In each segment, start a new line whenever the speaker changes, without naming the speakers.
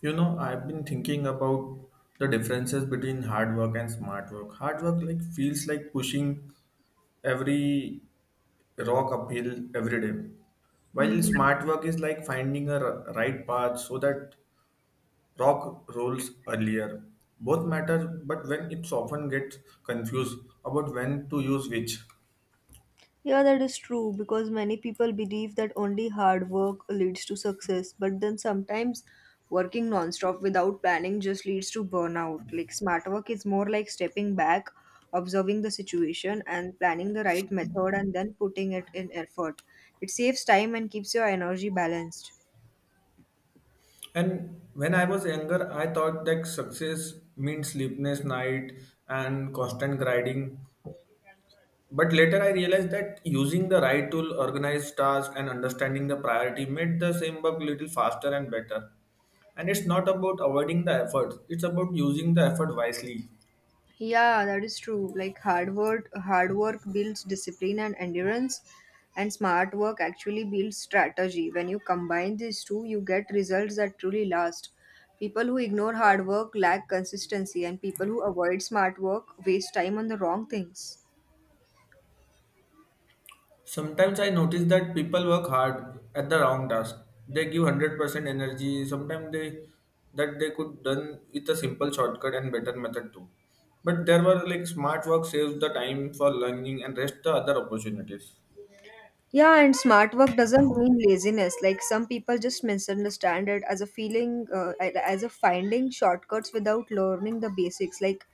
You know, I've been thinking about the differences between hard work and smart work. Hard work like feels like pushing every rock uphill every day. While
hmm
smart work is like finding a right path so that rock rolls earlier. Both matter, but when it's often gets confused about when to use which.
Yeah, that is true because many people believe that only hard work leads to success, but then sometimes working nonstop without planning just leads to burnout. Like smart work is more like stepping back, observing the situation, and planning the right method and then putting it in effort. It saves time and keeps your energy balanced.
And when I was younger, I thought that success means sleepless night and constant grinding. But later I realized that using the right tool, organized task, and understanding the priority made the same work little faster and better. And it's not about avoiding the effort, it's about using the effort wisely.
Yeah, that is true. Like hard work builds discipline and endurance, and smart work actually builds strategy. When you combine these two, you get results that truly last. People who ignore hard work lack consistency, and people who avoid smart work waste time on the wrong things.
Sometimes I notice that people work hard at the wrong task. They give 100% energy, sometimes they that they could done with a simple shortcut and better method too. But there were like smart work saves the time for learning and rest the other opportunities.
Yeah, and smart work doesn't mean laziness. Like some people just misunderstand it as a feeling, as a finding shortcuts without learning the basics. Like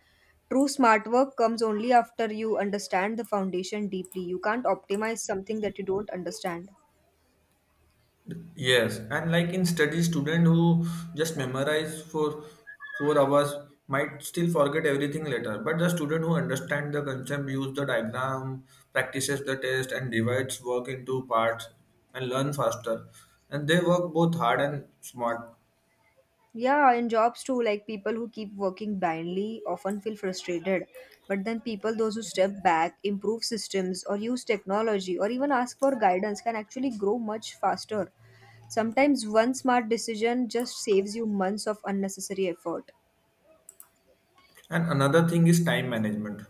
true smart work comes only after you understand the foundation deeply. You can't optimize something that you don't understand.
Yes, and like in study, student who just memorize for 4 hours might still forget everything later. But the student who understand the concept, use the diagram, practices the test, and divides work into parts and learn faster. And they work both hard and smart.
Yeah, in jobs too, like people who keep working blindly often feel frustrated. But then people, those who step back, improve systems, or use technology, or even ask for guidance, can actually grow much faster. Sometimes one smart decision just saves you months of unnecessary effort.
And another thing is time management.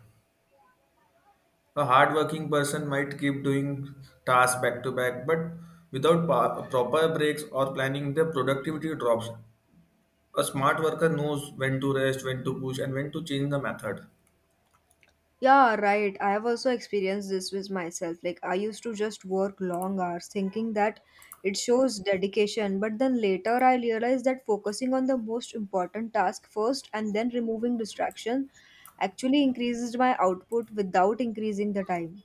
A hardworking person might keep doing tasks back to back, but without proper breaks or planning, their productivity drops. A smart worker knows when to rest, when to push, and when to change the method.
Yeah, right. I have also experienced this with myself. Like, I used to just work long hours thinking that it shows dedication, but then later I realized that focusing on the most important task first and then removing distraction actually increases my output without increasing the time.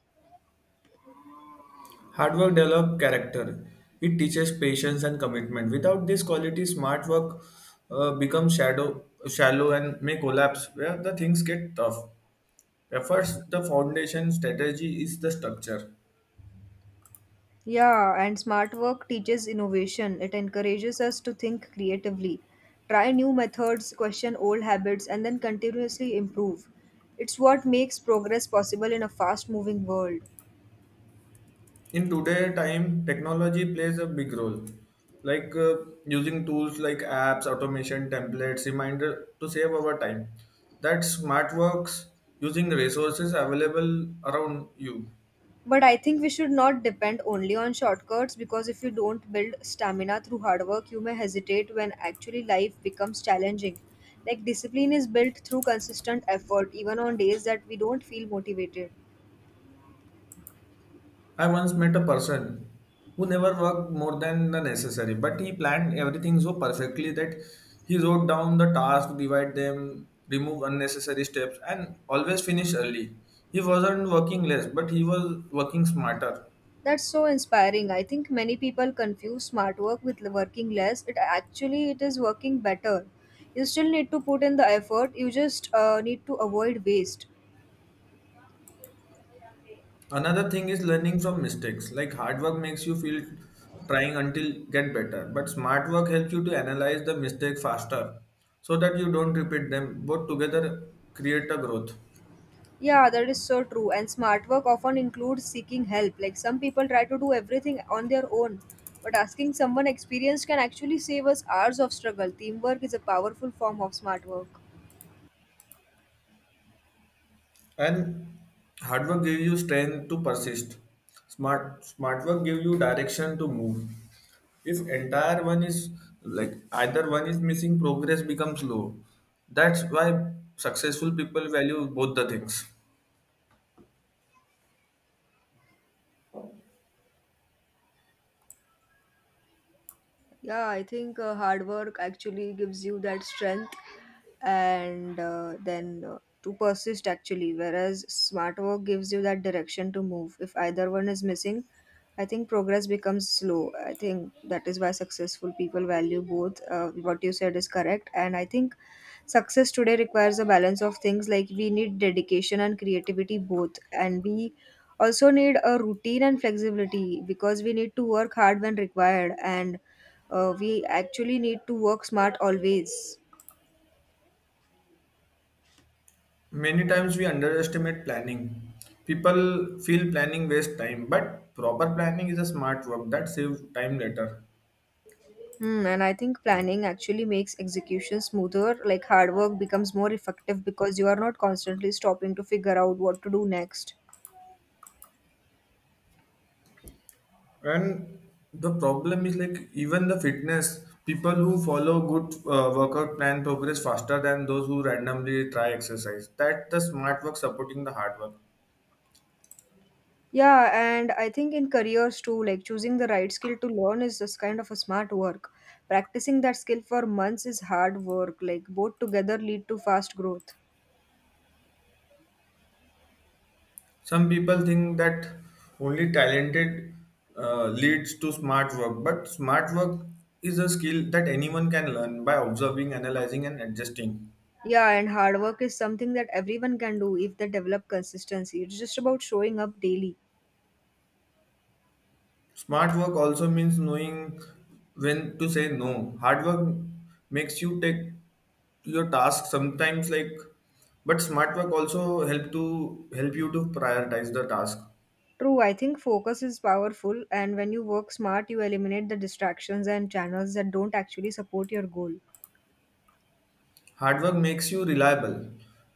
Hard work develops character. It teaches patience and commitment. Without this quality, smart work becomes shadow, shallow and may collapse where the things get tough. Efforts, the foundation, strategy is the structure.
Yeah, and smart work teaches innovation. It encourages us to think creatively, try new methods, question old habits, and then continuously improve. It's what makes progress possible in a fast moving world.
In today time technology plays a big role, like using tools like apps automation templates reminder to save our time, that smart works using resources available around you.
But I think we should not depend only on shortcuts because if you don't build stamina through hard work, you may hesitate when actually life becomes challenging. Like discipline is built through consistent effort, even on days that we don't feel motivated.
I once met a person who never worked more than the necessary, but he planned everything so perfectly that he wrote down the task, divide them, remove unnecessary steps, and always finish early. He wasn't working less, but he was working smarter.
That's so inspiring. I think many people confuse smart work with working less. It actually it is working better. You still need to put in the effort. You just need to avoid waste.
Another thing is learning from mistakes. Like hard work makes you feel trying until get better, but smart work helps you to analyze the mistake faster so that you don't repeat them. Both together create a growth.
Yeah, that is so true. And smart work often includes seeking help. Like some people try to do everything on their own, but asking someone experienced can actually save us hours of struggle. Teamwork is a powerful form of smart work.
And hard work gives you strength to persist. Smart work gives you direction to move. If entire one is like either one is missing, progress becomes slow. That's why successful people value both the things.
Yeah, I think hard work actually gives you that strength and then to persist actually, whereas smart work gives you that direction to move. If either one is missing, I think progress becomes slow. I think that is why successful people value both. What you said is correct, and I think success today requires a balance of things like we need dedication and creativity both, and we also need a routine and flexibility because we need to work hard when required, and we actually need to work smart always.
Many times we underestimate planning. People feel planning waste time, but proper planning is a smart work that saves time later.
Hmm, and I think planning actually makes execution smoother. Like hard work becomes more effective because you are not constantly stopping to figure out what to do next.
And the problem is like even the fitness people who follow good workout plan progress faster than those who randomly try exercise. That's the smart work supporting the hard work.
Yeah, and I think in careers too, like choosing the right skill to learn is just kind of a smart work. Practicing that skill for months is hard work, like both together lead to fast growth.
Some people think that only talented leads to smart work, but smart work is a skill that anyone can learn by observing, analyzing, and adjusting.
Yeah, and hard work is something that everyone can do if they develop consistency. It's just about showing up daily.
Smart work also means knowing when to say no. Hard work makes you take your task sometimes like, but smart work also help to help you to prioritize the task.
True, I think focus is powerful, and when you work smart, you eliminate the distractions and channels that don't actually support your goal.
Hard work makes you reliable.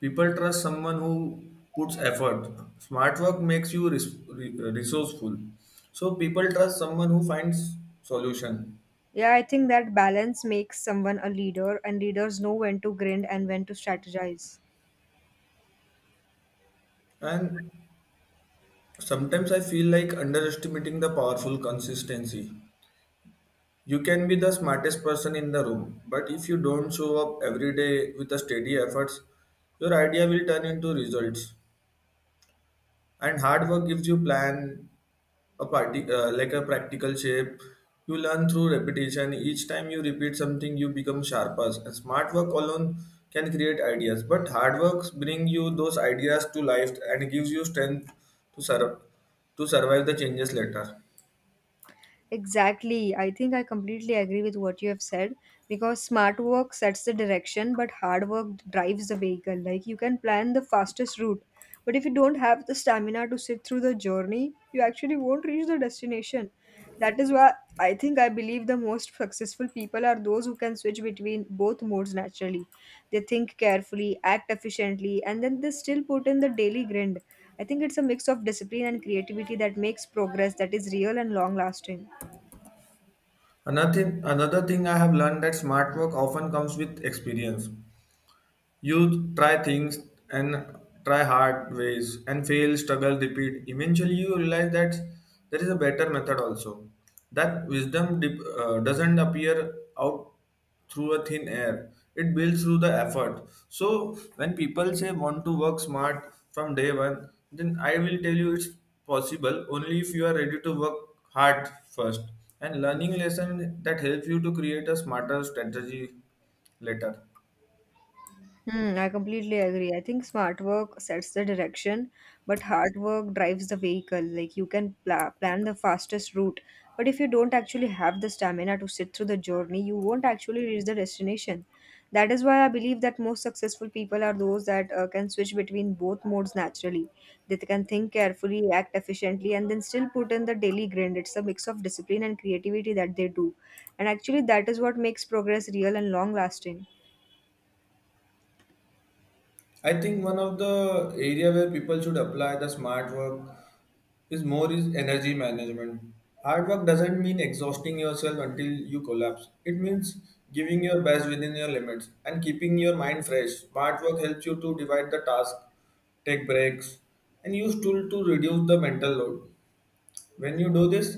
People trust someone who puts effort. Smart work makes you resourceful. So people trust someone who finds solution.
Yeah, I think that balance makes someone a leader, and leaders know when to grind and when to strategize.
And sometimes I feel like underestimating the powerful consistency. You can be the smartest person in the room, but if you don't show up every day with a steady efforts, your idea will turn into results. And hard work gives you plan a party like a practical shape. You learn through repetition. Each time you repeat something, you become sharper. And smart work alone can create ideas, but hard work bring you those ideas to life and gives you strength to sur- to survive the changes later.
Exactly. I think I completely agree with what you have said because smart work sets the direction, but hard work drives the vehicle. Like you can plan the fastest route, but if you don't have the stamina to sit through the journey, you actually won't reach the destination. That is why I think I believe the most successful people are those who can switch between both modes naturally. They think carefully, act efficiently, and then they still put in the daily grind. I think it's a mix of discipline and creativity that makes progress that is real and long lasting.
Another thing I have learned that smart work often comes with experience. You try things and try hard ways and fail, struggle, repeat. Eventually, you realize that there is a better method also. That wisdom doesn't appear out through a thin air. It builds through the effort. So when people say want to work smart from day one, then I will tell you it's possible only if you are ready to work hard first and learning lesson that helps you to create a smarter strategy later.
Hmm, I completely agree. I think smart work sets the direction, but hard work drives the vehicle. Like you can plan the fastest route, but if you don't actually have the stamina to sit through the journey, you won't actually reach the destination. That is why I believe that most successful people are those that can switch between both modes naturally. They can think carefully, act efficiently, and then still put in the daily grind. It's a mix of discipline and creativity that they do. And actually, that is what makes progress real and long lasting.
I think one of the area where people should apply the smart work is more is energy management. Hard work doesn't mean exhausting yourself until you collapse. It means giving your best within your limits and keeping your mind fresh. Smart work helps you to divide the task, take breaks, and use tool to reduce the mental load. When you do this,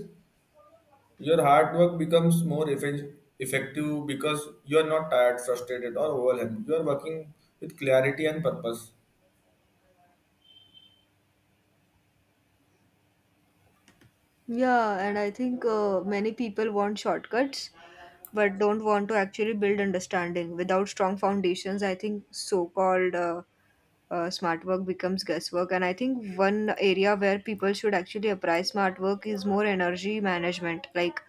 your hard work becomes effective because you are not tired, frustrated, or overwhelmed. You are working with clarity and purpose.
Yeah, and I think many people want shortcuts but don't want to actually build understanding without strong foundations. I think so called smart work becomes guesswork. And I think one area where people should actually apply smart work is more energy management. Like,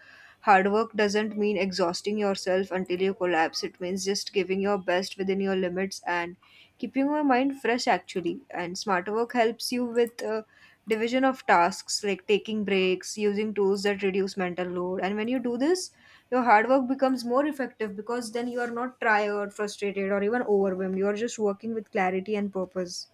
hard work doesn't mean exhausting yourself until you collapse, it means just giving your best within your limits and keeping your mind fresh, actually. And smart work helps you with. Division of tasks like taking breaks using tools that reduce mental load, and when you do this your hard work becomes more effective because then you are not tired, frustrated, or even overwhelmed. You are just working with clarity and purpose.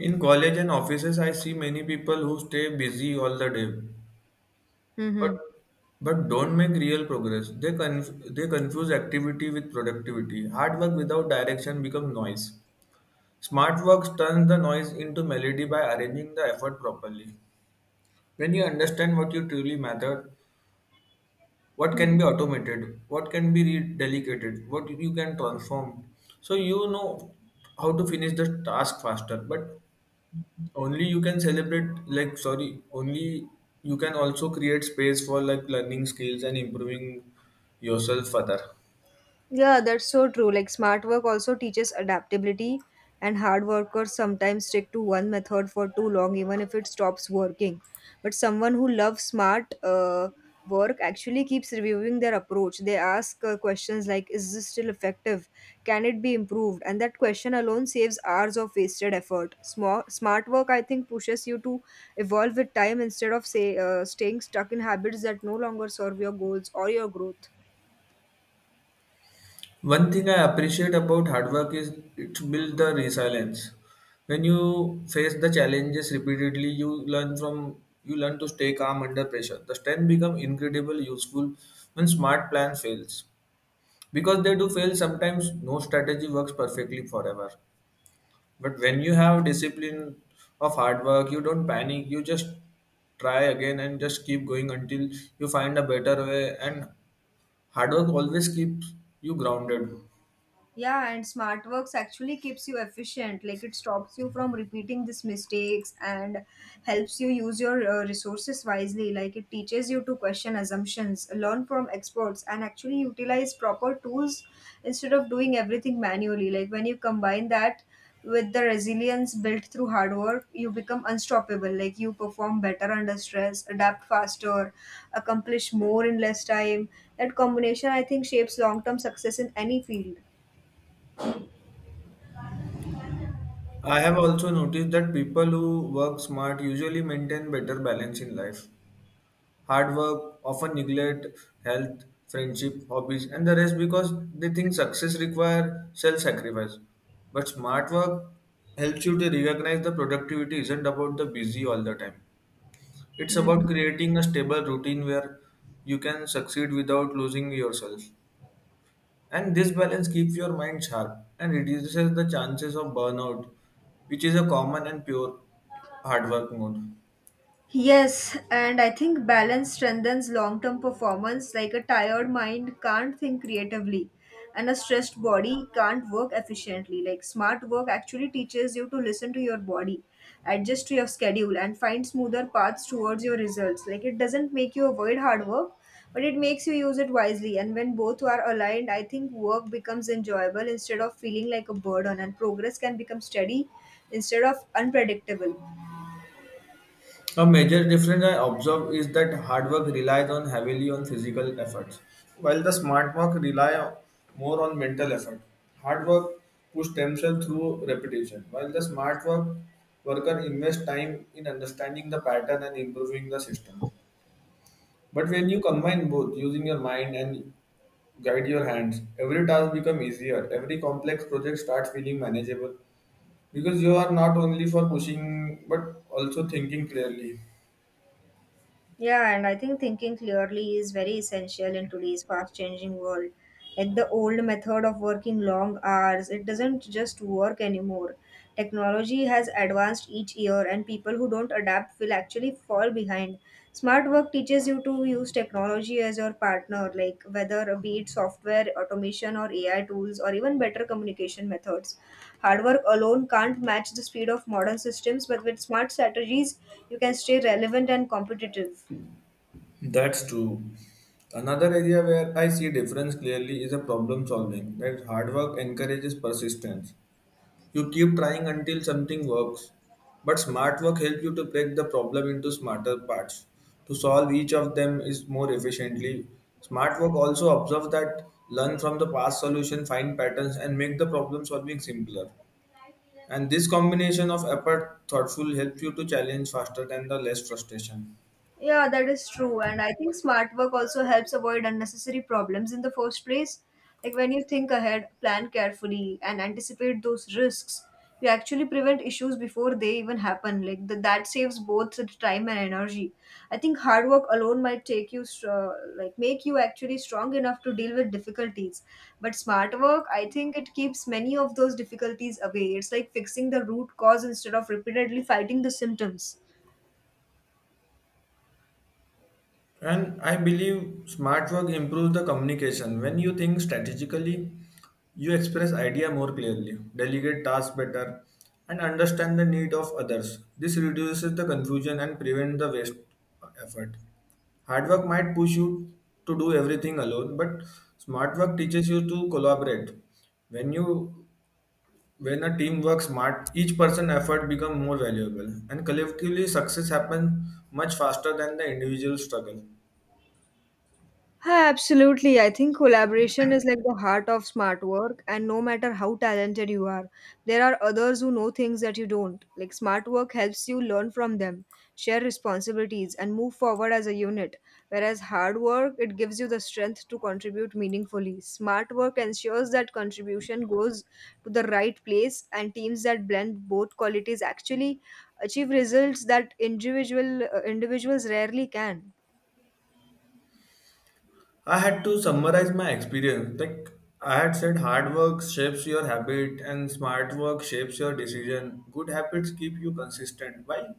In college and offices, I see many people who stay busy all the day, but
Mm-hmm.
but don't make real progress. They confuse activity with productivity. Hard work without direction becomes noise. Smart work turns the noise into melody by arranging the effort properly. When you understand what you truly matter, what can be automated, what can be redelegated, what you can transform, so you know how to finish the task faster. But only you can celebrate like sorry only you can also create space for like learning skills and improving yourself further.
Yeah, that's so true. Like smart work also teaches adaptability, and hard workers sometimes stick to one method for too long, even if it stops working. But someone who loves smart work actually keeps reviewing their approach. They ask questions like, "Is this still effective? Can it be improved?" And that question alone saves hours of wasted effort. Smart work, I think, pushes you to evolve with time instead of say staying stuck in habits that no longer serve your goals or your growth.
One thing I appreciate about hard work is it builds the resilience. When you face the challenges repeatedly, you learn to stay calm under pressure. The strength become incredible useful when smart plan fails, because they do fail sometimes. No strategy works perfectly forever. But when you have discipline of hard work, you don't panic. You just try again and just keep going until you find a better way. And hard work always keeps you grounded.
Yeah, and smart works actually keeps you efficient. Like it stops you from repeating these mistakes and helps you use your resources wisely. Like it teaches you to question assumptions, learn from experts, and actually utilize proper tools instead of doing everything manually. Like when you combine that with the resilience built through hard work, you become unstoppable. Like you perform better under stress, adapt faster, accomplish more in less time. That combination, I think, shapes long term success in any field.
I have also noticed that people who work smart usually maintain better balance in life. Hard work often neglect health, friendship, hobbies, and the rest because they think success requires self sacrifice. But smart work helps you to recognize the productivity isn't about the busy all the time. It's about
Mm.
creating a stable routine where you can succeed without losing yourself. And this balance keeps your mind sharp and reduces the chances of burnout, which is a common and pure hard work mode.
Yes, and I think balance strengthens long term performance. Like a tired mind can't think creatively, and a stressed body can't work efficiently. Like smart work actually teaches you to listen to your body, adjust to your schedule, and find smoother paths towards your results. Like it doesn't make you avoid hard work, but it makes you use it wisely. And when both are aligned, I think work becomes enjoyable instead of feeling like a burden, and progress can become steady instead of unpredictable.
A major difference I observe is that hard work relies on heavily on physical efforts, while the smart work more on mental effort. Hard work push themselves through repetition, while the smart work worker invest time in understanding the pattern and improving the system. But when you combine both, using your mind and guide your hands, every task becomes easier. Every complex project starts feeling manageable because you are not only for pushing but also thinking clearly.
Yeah, and I think thinking clearly is very essential in today's fast changing world. Like the old method of working long hours, it doesn't just work anymore. Technology has advanced each year, and people who don't adapt will actually fall behind. Smart work teaches you to use technology as your partner, like whether be it software, automation, or AI tools, or even better communication methods. Hard work alone can't match the speed of modern systems, but with smart strategies, you can stay relevant and competitive.
That's true. Another area where I see difference clearly is a problem solving. That hard work encourages persistence. You keep trying until something works. But smart work helps you to break the problem into smarter parts to solve each of them is more efficiently. Smart work also observes that learn from the past solution, find patterns, and make the problem solving simpler. And this combination of effort, thoughtful helps you to challenge faster than the less frustration.
Yeah, that is true. And I think smart work also helps avoid unnecessary problems in the first place. Like when you think ahead, plan carefully, and anticipate those risks, you actually prevent issues before they even happen. Like that saves both the time and energy. I think hard work alone might take you, like make you actually strong enough to deal with difficulties. But smart work, I think it keeps many of those difficulties away. It's like fixing the root cause instead of repeatedly fighting the symptoms.
And I believe smart work improves the communication. When you think strategically, you express idea more clearly, delegate tasks better, and understand the need of others. This reduces the confusion and prevent the waste effort. Hard work might push you to do everything alone, but smart work teaches you to collaborate. When you when a team works smart, each person effort become more valuable, and collectively success happens much faster than the individual struggle.
Yeah, absolutely. I think collaboration is like the heart of smart work, and no matter how talented you are, there are others who know things that you don't. Like, smart work helps you learn from them, share responsibilities, and move forward as a unit. Whereas hard work, it gives you the strength to contribute meaningfully. Smart work ensures that contribution goes to the right place, and teams that blend both qualities actually achieve results that individuals rarely can.
I had to summarize my experience. Like I had said, hard work shapes your habit, and smart work shapes your decision. Good habits keep you consistent, while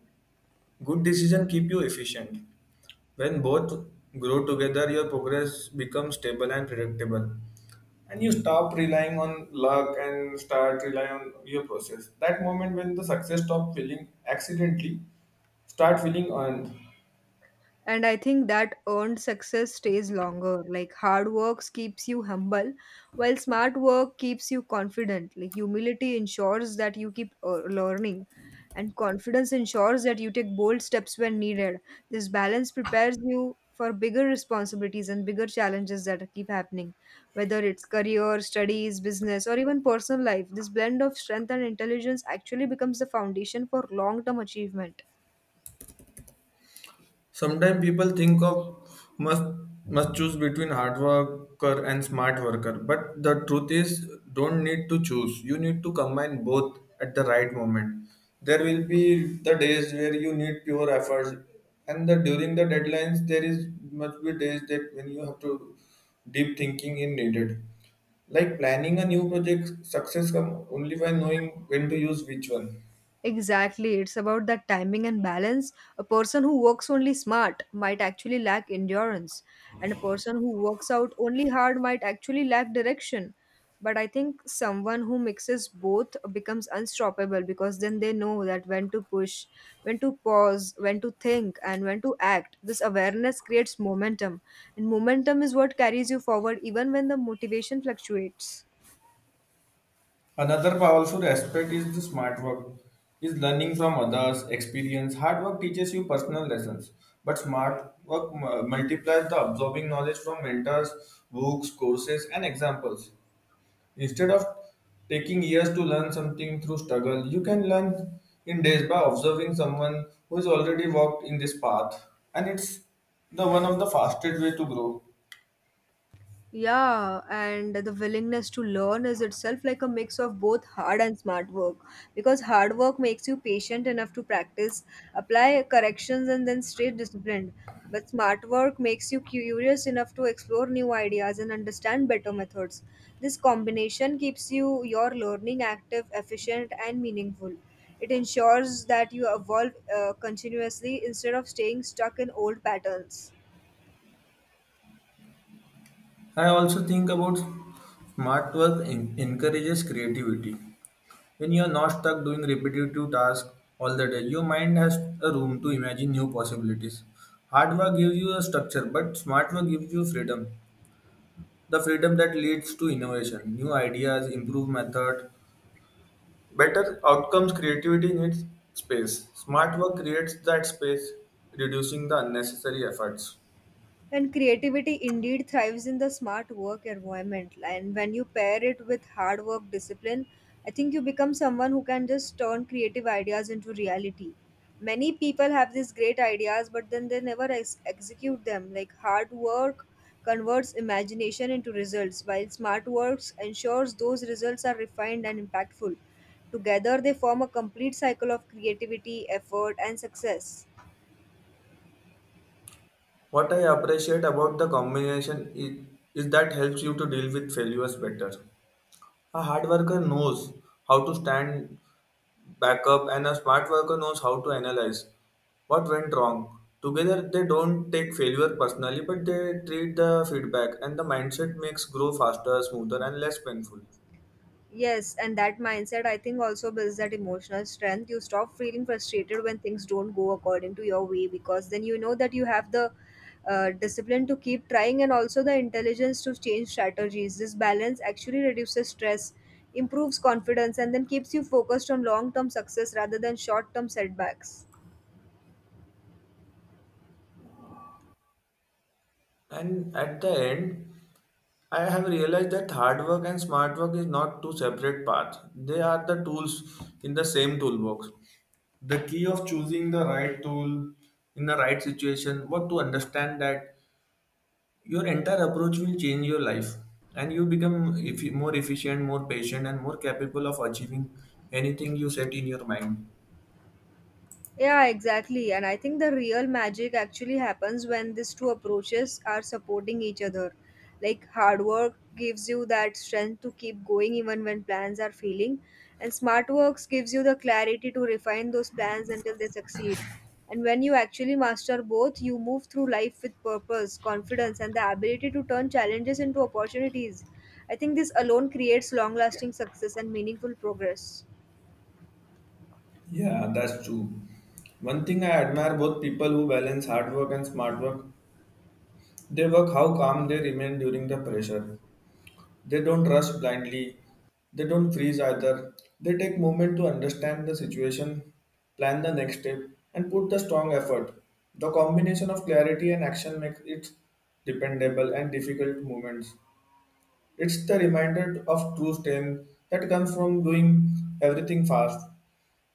good decision keep you efficient. When both grow together, your progress becomes stable and predictable, and you stop relying on luck and start relying on your process. That moment when the success stop feeling accidentally, start feeling earned.
And I think that earned success stays longer. Like, hard work keeps you humble while smart work keeps you confident. Like, humility ensures that you keep learning, and confidence ensures that you take bold steps when needed. This balance prepares you for bigger responsibilities and bigger challenges that keep happening. Whether it's career, studies, business, or even personal life, this blend of strength and intelligence actually becomes the foundation for long term achievement.
Sometimes people think of must must choose between hard worker and smart worker, but the truth is don't need to choose. You need to combine both at the right moment. There will be the days where you need pure efforts, and the during the deadlines there is must be days that when you have to deep thinking is needed. Like planning a new project, success come only by knowing when to use which one.
Exactly. It's about that timing and balance. A person who works only smart might actually lack endurance, and a person who works out only hard might actually lack direction. But I think someone who mixes both becomes unstoppable because then they know that when to push, when to pause, when to think, and when to act. This awareness creates momentum, and momentum is what carries you forward even when the motivation fluctuates.
Another powerful aspect is the smart work, is learning from others' experience. Hard work teaches you personal lessons, but smart work multiplies the absorbing knowledge from mentors, books, courses, and examples. Instead of taking years to learn something through struggle, you can learn in days by observing someone who has already walked in this path, and it's the one of the fastest way to grow.
Yeah, and the willingness to learn is itself like a mix of both hard and smart work because hard work makes you patient enough to practice, apply corrections, and then stay disciplined. But smart work makes you curious enough to explore new ideas and understand better methods. This combination keeps you your learning active, efficient, and meaningful. It ensures that you evolve continuously instead of staying stuck in old patterns.
I also think about smart work encourages creativity. When you're not stuck doing repetitive tasks all the day, your mind has a room to imagine new possibilities. Hard work gives you a structure, but smart work gives you freedom. The freedom that leads to innovation, new ideas, improved method, better outcomes, creativity needs space. Smart work creates that space, reducing the unnecessary efforts.
And creativity indeed thrives in the smart work environment. And when you pair it with hard work discipline, I think you become someone who can just turn creative ideas into reality. Many people have these great ideas, but then they never execute them. Like, hard work converts imagination into results, while smart works ensures those results are refined and impactful. Together, they form a complete cycle of creativity, effort, and success.
What I appreciate about the combination is that helps you to deal with failures better. A hard worker knows how to stand backup, and a smart worker knows how to analyze what went wrong. Together, they don't take failure personally, but they treat the feedback, and the mindset makes grow faster, smoother, and less painful.
Yes, and that mindset, I think, also builds that emotional strength. You stop feeling frustrated when things don't go according to your way because then you know that you have the discipline to keep trying and also the intelligence to change strategies. This balance actually reduces stress, improves confidence, and then keeps you focused on long term success rather than short term setbacks.
And at the end, I have realized that hard work and smart work is not two separate paths. They are the tools in the same toolbox. The key of choosing the right tool in the right situation, what to understand that your entire approach will change your life and you become more efficient, more patient, and more capable of achieving anything you set in your mind.
Yeah, exactly. And I think the real magic actually happens when these two approaches are supporting each other. Like, hard work gives you that strength to keep going even when plans are failing, and smart works gives you the clarity to refine those plans until they succeed. And when you actually master both, you move through life with purpose, confidence, and the ability to turn challenges into opportunities. I think this alone creates long lasting success and meaningful progress.
Yeah, that's true. One thing I admire both people who balance hard work and smart work, they work how calm they remain during the pressure. They don't rush blindly. They don't freeze either. They take moment to understand the situation, plan the next step, and put the strong effort. The combination of clarity and action makes it dependable and difficult moments. It's the reminder of true strength that comes from doing everything fast,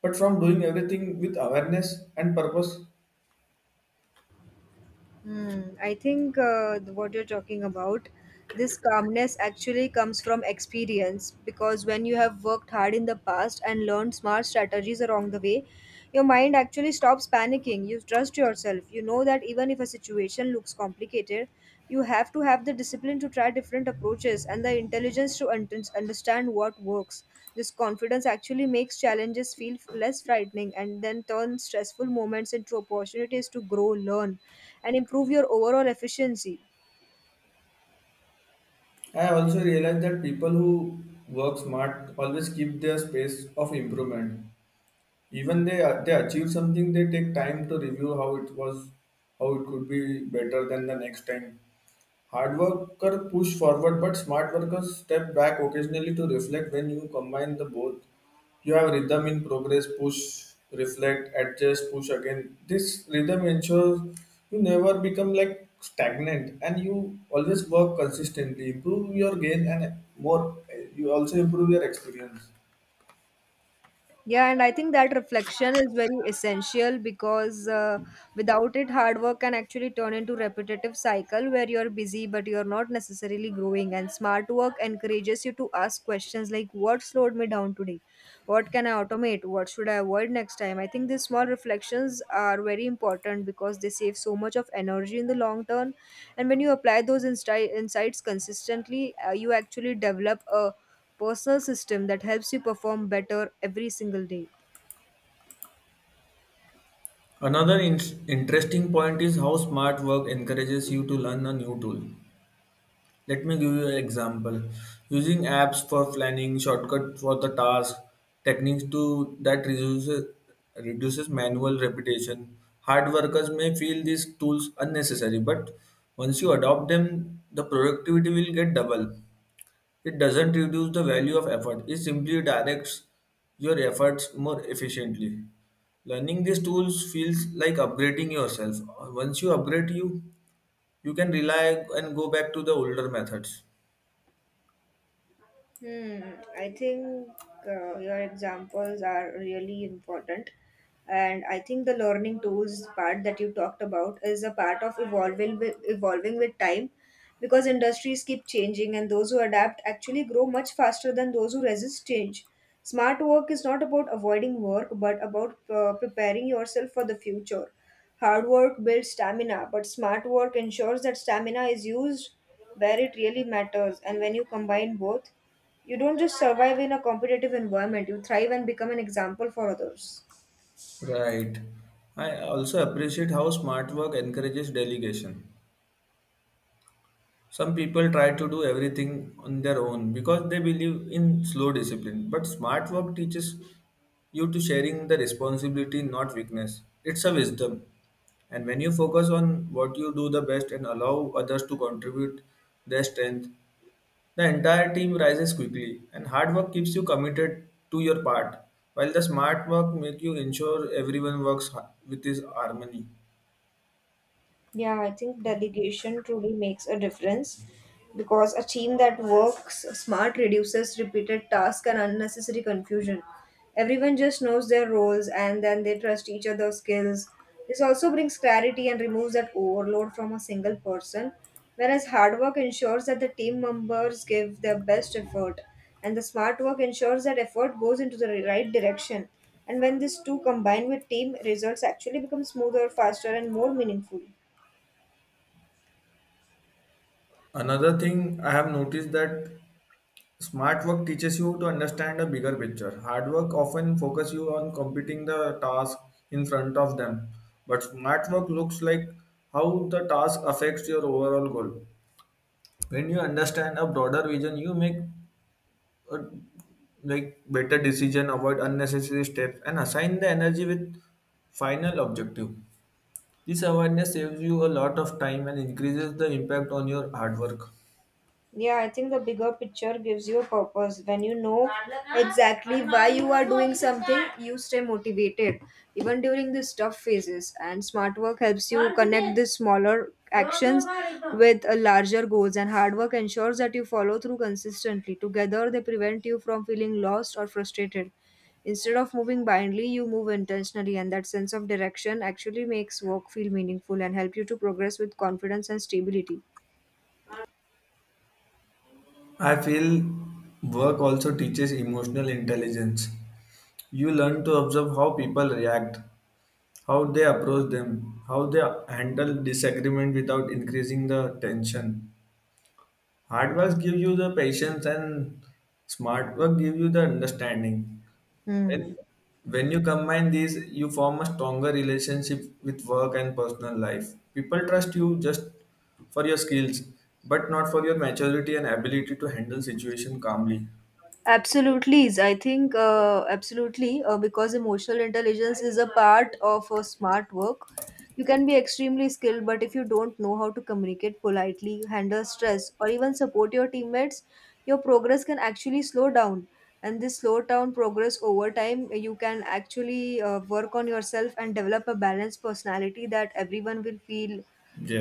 but from doing everything with awareness and purpose.
Hmm, I think what you're talking about, this calmness actually comes from experience because when you have worked hard in the past and learned smart strategies along the way, your mind actually stops panicking. You trust yourself. You know that even if a situation looks complex, complicated, you have to have the discipline to try different approaches and the intelligence to understand what works. This confidence actually makes challenges feel less frightening and then turns stressful moments into opportunities to grow, learn, and improve your overall efficiency.
I also realized that people who work smart always keep their space of improvement. Even they achieve something, they take time to review how it was, how it could be better than the next time. Hard worker push forward, but smart workers step back occasionally to reflect. When you combine the both, you have rhythm in progress, push, reflect, adjust, push again. This rhythm ensures you never become like stagnant, and you always work consistently, improve your gain, and more. You also improve your experience.
Yeah, and I think that reflection is very essential because without it, hard work can actually turn into repetitive cycle where you're busy but you're not necessarily growing. And smart work encourages you to ask questions like, "What slowed me down today? What can I automate? What should I avoid next time?" I think these small reflections are very important because they save so much of energy in the long term. And when you apply those insights consistently, you actually develop a personal system that helps you perform better every single day.
Another in- interesting point is how smart work encourages you to learn a new tool. Let me give you an example. Using apps for planning, shortcut for the task, techniques to that reduces manual repetition. Hard workers may feel these tools unnecessary, but once you adopt them, the productivity will get double. It doesn't reduce the value of effort, it simply directs your efforts more efficiently. Learning these tools feels like upgrading yourself. Once you upgrade you, you can rely and go back to the older methods.
Hmm, I think your examples are really important. And I think the learning tools part that you talked about is a part of evolving with time because industries keep changing and those who adapt actually grow much faster than those who resist change. Smart work is not about avoiding work but about preparing yourself for the future. Hard work builds stamina, but smart work ensures that stamina is used where it really matters. And when you combine both, you don't just survive in a competitive environment, you thrive and become an example for others.
Right. I also appreciate how smart work encourages delegation. Some people try to do everything on their own because they believe in slow discipline. But smart work teaches you to sharing the responsibility, not weakness. It's a wisdom. And when you focus on what you do the best and allow others to contribute their strength, the entire team rises quickly and hard work keeps you committed to your part, while the smart work make you ensure everyone works with his harmony.
Yeah, I think delegation truly makes a difference because a team that works smart reduces repeated tasks and unnecessary confusion. Everyone just knows their roles and then they trust each other's skills. This also brings clarity and removes that overload from a single person, whereas hard work ensures that the team members give their best effort, and the smart work ensures that effort goes into the right direction. And when these two combine with team, results actually become smoother, faster, and more meaningful.
Another thing I have noticed that smart work teaches you to understand a bigger picture. Hard work often focus you on completing the task in front of them, but smart work looks like how the task affects your overall goal. When you understand a broader vision, you make a, like, better decision, avoid unnecessary steps, and assign the energy with final objective. This awareness saves you a lot of time and increases the impact on your hard work.
Yeah, I think the bigger picture gives you a purpose. When you know exactly why you are doing something, you stay motivated, even during these tough phases. And smart work helps you connect these smaller actions with a larger goals, and hard work ensures that you follow through consistently. Together, they prevent you from feeling lost or frustrated. Instead of moving blindly, you move intentionally, and that sense of direction actually makes work feel meaningful and help you to progress with confidence and stability.
I feel work also teaches emotional intelligence. You learn to observe how people react, how they approach them, how they handle disagreement without increasing the tension. Hard work gives you the patience and smart work gives you the understanding.
Hmm.
When, when you combine these, you form a stronger relationship with work and personal life. People trust you just for your skills, but not for your maturity and ability to handle situation calmly.
Absolutely, I think absolutely because emotional intelligence is a part of a smart work. You can be extremely skilled, but if you don't know how to communicate politely, handle stress, or even support your teammates, your progress can actually slow down. And this slow down progress over time, you can actually work on yourself and develop a balanced personality that everyone will feel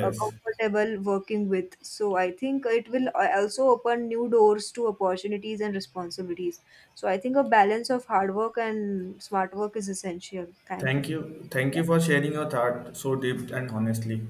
comfortable working with. So I think it will also open new doors to opportunities and responsibilities. So I think a balance of hard work and smart work is essential. Thank you
Thank
for
you. Thank
that.
you for sharing your thought so deep and honestly.